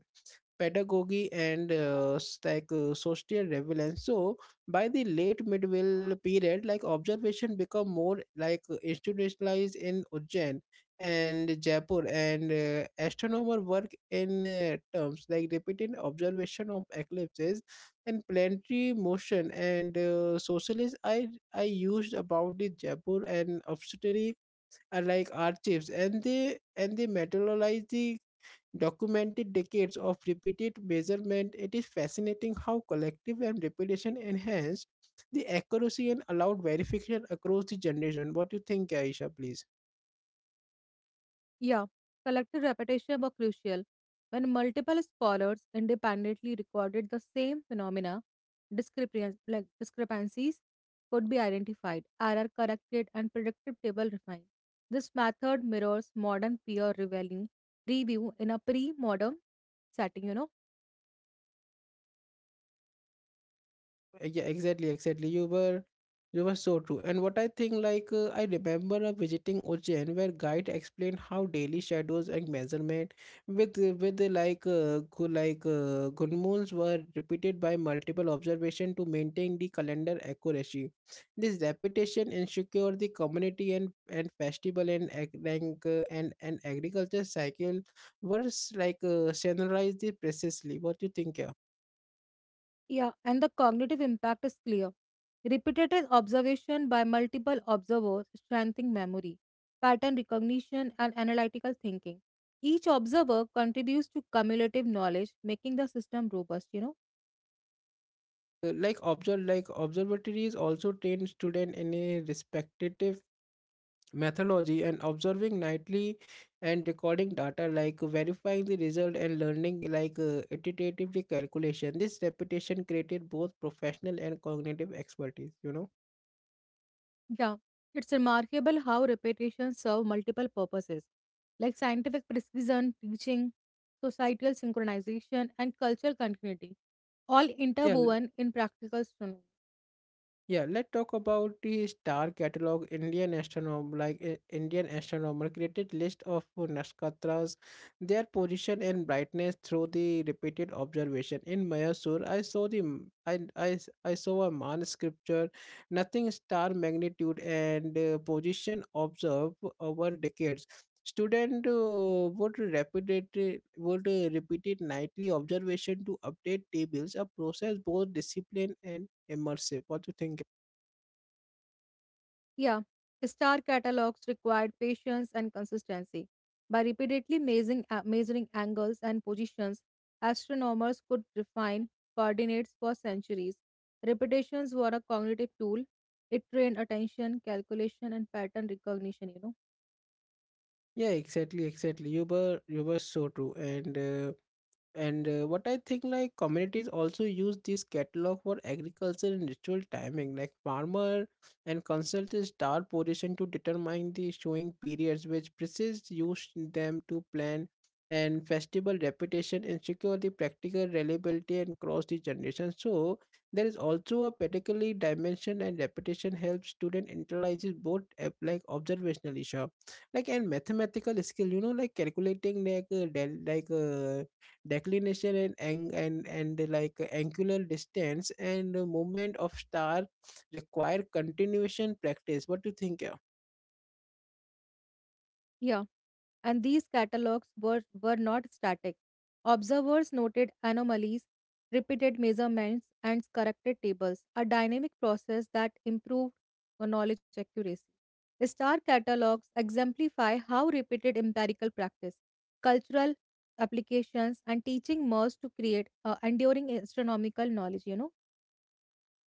pedagogy and social relevance. So by the late medieval period, like observation become more like institutionalized in Ujjain and Jaipur and astronomer work in terms like repeated observation of eclipses and planetary motion and socialist I used about the Jaipur and observatory are like archives and they materialize the documented decades of repeated measurement. It is fascinating how collective and repetition enhance the accuracy and allowed verification across the generation. What do you think, Aisha, please?
Yeah, collective repetition were crucial. When multiple scholars independently recorded the same phenomena, discrepancies could be identified, error corrected, and predictive table refined. This method mirrors modern peer review, review in a pre-modern setting, you know.
Yeah, exactly, exactly. You were so true, and what I think, like I remember visiting Ujjain where guide explained how daily shadows and measurement with like gu- like good moons were repeated by multiple observation to maintain the calendar accuracy. This repetition ensure the community and festival and and agriculture cycle was standardized precisely. What do you think? Yeah.
Yeah, and the cognitive impact is clear. Repetitive observation by multiple observers strengthening memory, pattern recognition, and analytical thinking. Each observer contributes to cumulative knowledge, making the system robust, you know?
Like observatories also train student in a respective methodology and observing nightly and recording data, like verifying the result and learning iteratively calculation. This reputation created both professional and cognitive expertise, you know.
Yeah. It's remarkable how repetitions serve multiple purposes, like scientific precision, teaching, societal synchronization, and cultural continuity, all
Yeah.
interwoven in practical.
Yeah, let's talk about the star catalog. Indian astronomer, Indian astronomer, created list of nakshatras, their position and brightness through the repeated observation. In Mayasur, I saw the I saw a man sculpture, nothing star magnitude and position observed over decades. Student would repeat it nightly observation to update tables, a process both discipline and immersive. What do you think?
Yeah, star catalogs required patience and consistency. By repeatedly measuring, measuring angles and positions, astronomers could refine coordinates for centuries. Repetitions were a cognitive tool. It trained attention, calculation, and pattern recognition, you know.
Yeah, exactly, exactly. You were so true, and what I think, like communities also use this catalog for agriculture and ritual timing. Like farmer and consult a star position to determine the showing periods, which priests use them to plan and festival reputation and secure the practical reliability and cross the generation. So there is also a particularly dimension and reputation helps student internalizes both like observational issue, like and mathematical skill. You know, like calculating like declination and and like angular distance and movement of star require continuation practice. What do you think?
Yeah. And these catalogs were not static. Observers noted anomalies, repeated measurements, and corrected tables, a dynamic process that improved knowledge accuracy. Star catalogs exemplify how repeated empirical practice, cultural applications, and teaching merge to create enduring astronomical knowledge, you know.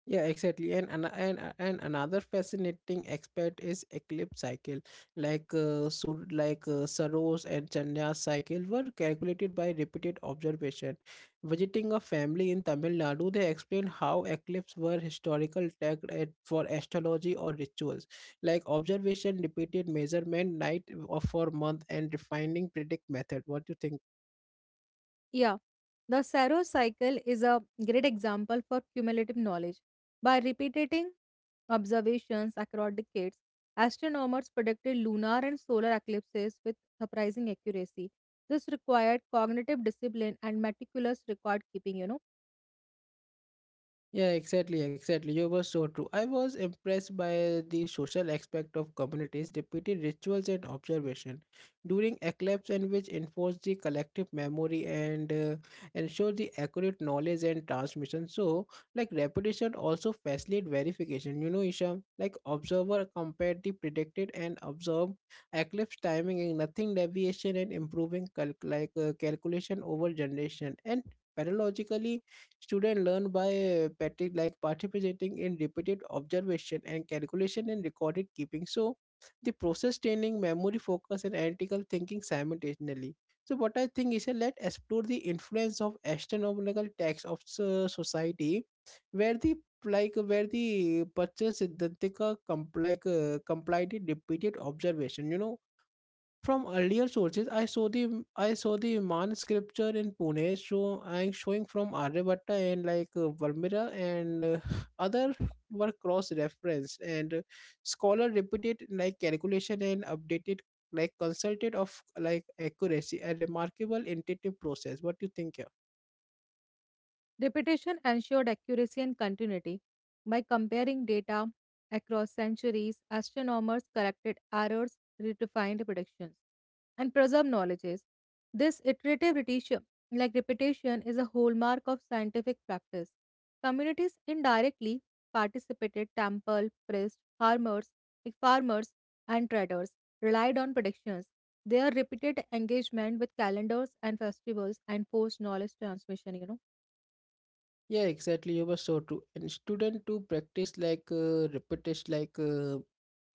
Yeah, exactly. And another fascinating aspect is eclipse cycle. Like Saros and Chandra's cycle were calculated by repeated observation. Visiting a family in Tamil Nadu, they explained how eclipses were historical tagged for astrology or rituals. Like observation, repeated measurement, night of for month, and refining predict method. What do you think?
Yeah, the Saros cycle is a great example for cumulative knowledge. By repeating observations across decades, astronomers predicted lunar and solar eclipses with surprising accuracy. This required cognitive discipline and meticulous record keeping, you know.
Yeah, exactly, exactly. You were so true. I was impressed by the social aspect of communities, repeated rituals and observation during eclipse and which enforce the collective memory and ensure the accurate knowledge and transmission. So, like repetition also facilitate verification. You know, Isham, like observer compared the predicted and observed eclipse timing and nothing deviation and improving calculation over generation and paralogically, students learn by participating in repeated observation and calculation and recorded keeping. So the process training memory focus and analytical thinking simultaneously. So what I think is that let explore the influence of astronomical texts of society, where the Pachas Siddhantika comply complied with repeated observation. You know, from earlier sources, I saw the Iman scripture in Pune, so I showing from Aryabhatta and Valmira and other were cross referenced and scholar repeated like calculation and updated like consulted of like accuracy, a remarkable intuitive process. What do you think?
Repetition ensured accuracy and continuity. By comparing data across centuries, astronomers corrected errors, redefined predictions, and preserved knowledges. This iterative repetition, like repetition, is a hallmark of scientific practice. Communities indirectly participated. Temple, priests, farmers, like farmers, and traders relied on predictions. Their repeated engagement with calendars and festivals and forced knowledge transmission, you know.
Yeah, exactly. You were so true. And student to practice like uh, repetition, like uh,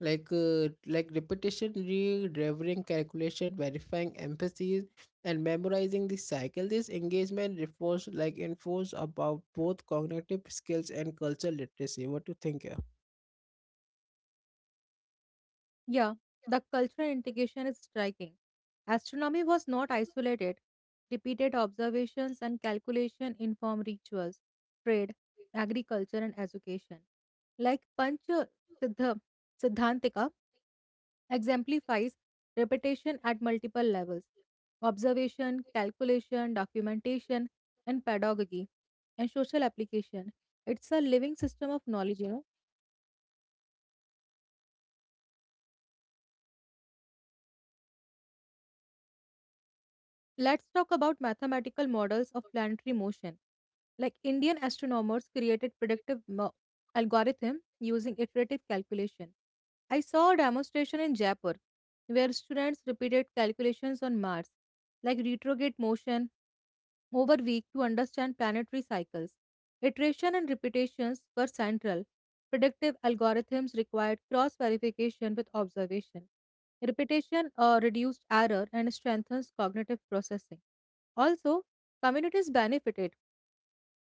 like uh, like repetition, re-delivering calculation, verifying emphasis, and memorizing the cycle. This engagement reforms like enforce about both cognitive skills and cultural literacy. What do you think? Yeah.
Yeah, the cultural integration is striking. Astronomy was not isolated. Repeated observations and calculation inform rituals, trade, agriculture, and education. Like Siddha, Siddhantika exemplifies repetition at multiple levels observation, calculation, documentation, and pedagogy and social application. It's a living system of knowledge, you know. Let's talk about mathematical models of planetary motion. Like Indian astronomers created predictive algorithm using iterative calculation. I saw a demonstration in Jaipur where students repeated calculations on Mars, like retrograde motion over week to understand planetary cycles. Iteration and repetitions were central. Predictive algorithms required cross verification with observation. Repetition reduced error and strengthens cognitive processing. Also, communities benefited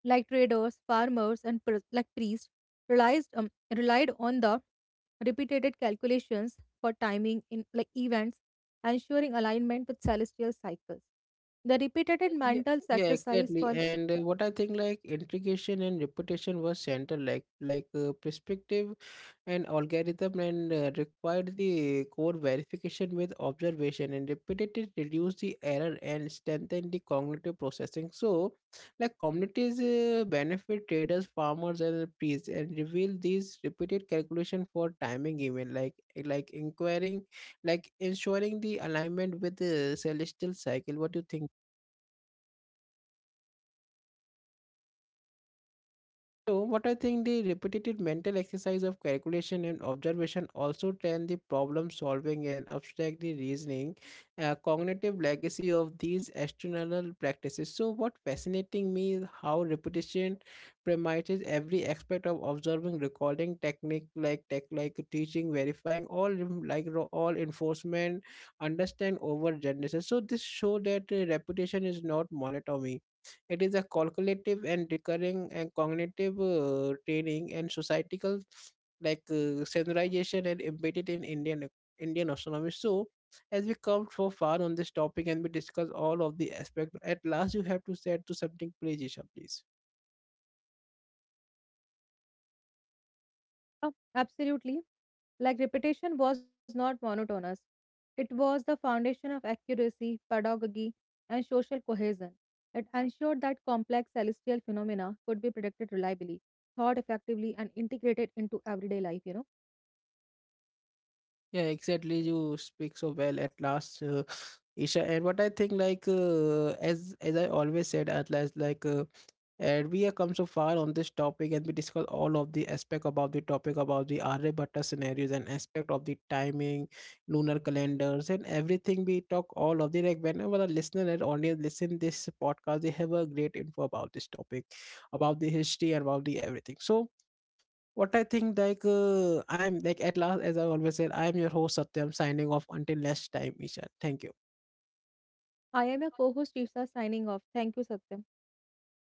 like traders, farmers, and priests, relied um, relied on the repeated calculations for timing in like events, ensuring alignment with celestial cycles. The repeated
Yeah,
mental
yeah,
exercise
exactly.
for
And what I think, like integration and reputation was central, like perspective and algorithm, and required the core verification with observation and repeated reduce the error and strengthen the cognitive processing. So, like communities benefit traders, farmers, and priests, and reveal these repeated calculation for timing, even like inquiring, like ensuring the alignment with the celestial cycle. What do you think? So, what I think the repetitive mental exercise of calculation and observation also turn the problem solving and abstract the reasoning, a cognitive legacy of these external practices. So, what fascinating me is how repetition premises every aspect of observing, recording, technique, like teaching, verifying, all rem- like ro- all enforcement, understand over generations. So, this show that repetition is not monotony, it is a calculative and recurring and cognitive training and societal standardization and embedded in Indian astronomy. So, as we come so far on this topic and we discuss all of the aspect, at last you have to say to something, please, Isha, please.
oh, absolutely like repetition was not monotonous. It was the foundation of accuracy, pedagogy, and social cohesion. It ensured that complex celestial phenomena could be predicted reliably, thought effectively, and integrated into everyday life, you know.
Yeah, exactly. You speak so well at last, Isha. And what I think, as I always said at last, and we have come so far on this topic, and we discuss all of the aspect about the topic about the Arya Bhatta scenarios and aspect of the timing, lunar calendars, and everything. We talk all of the like whenever a listener and audience listen this podcast, they have a great info about this topic, about the history and about the everything. So what I think I'm like at last as I always said, I'm your host Satyam, signing off until next time. Isha, thank you.
I am your co host, Isha, signing off. Thank you, Satyam.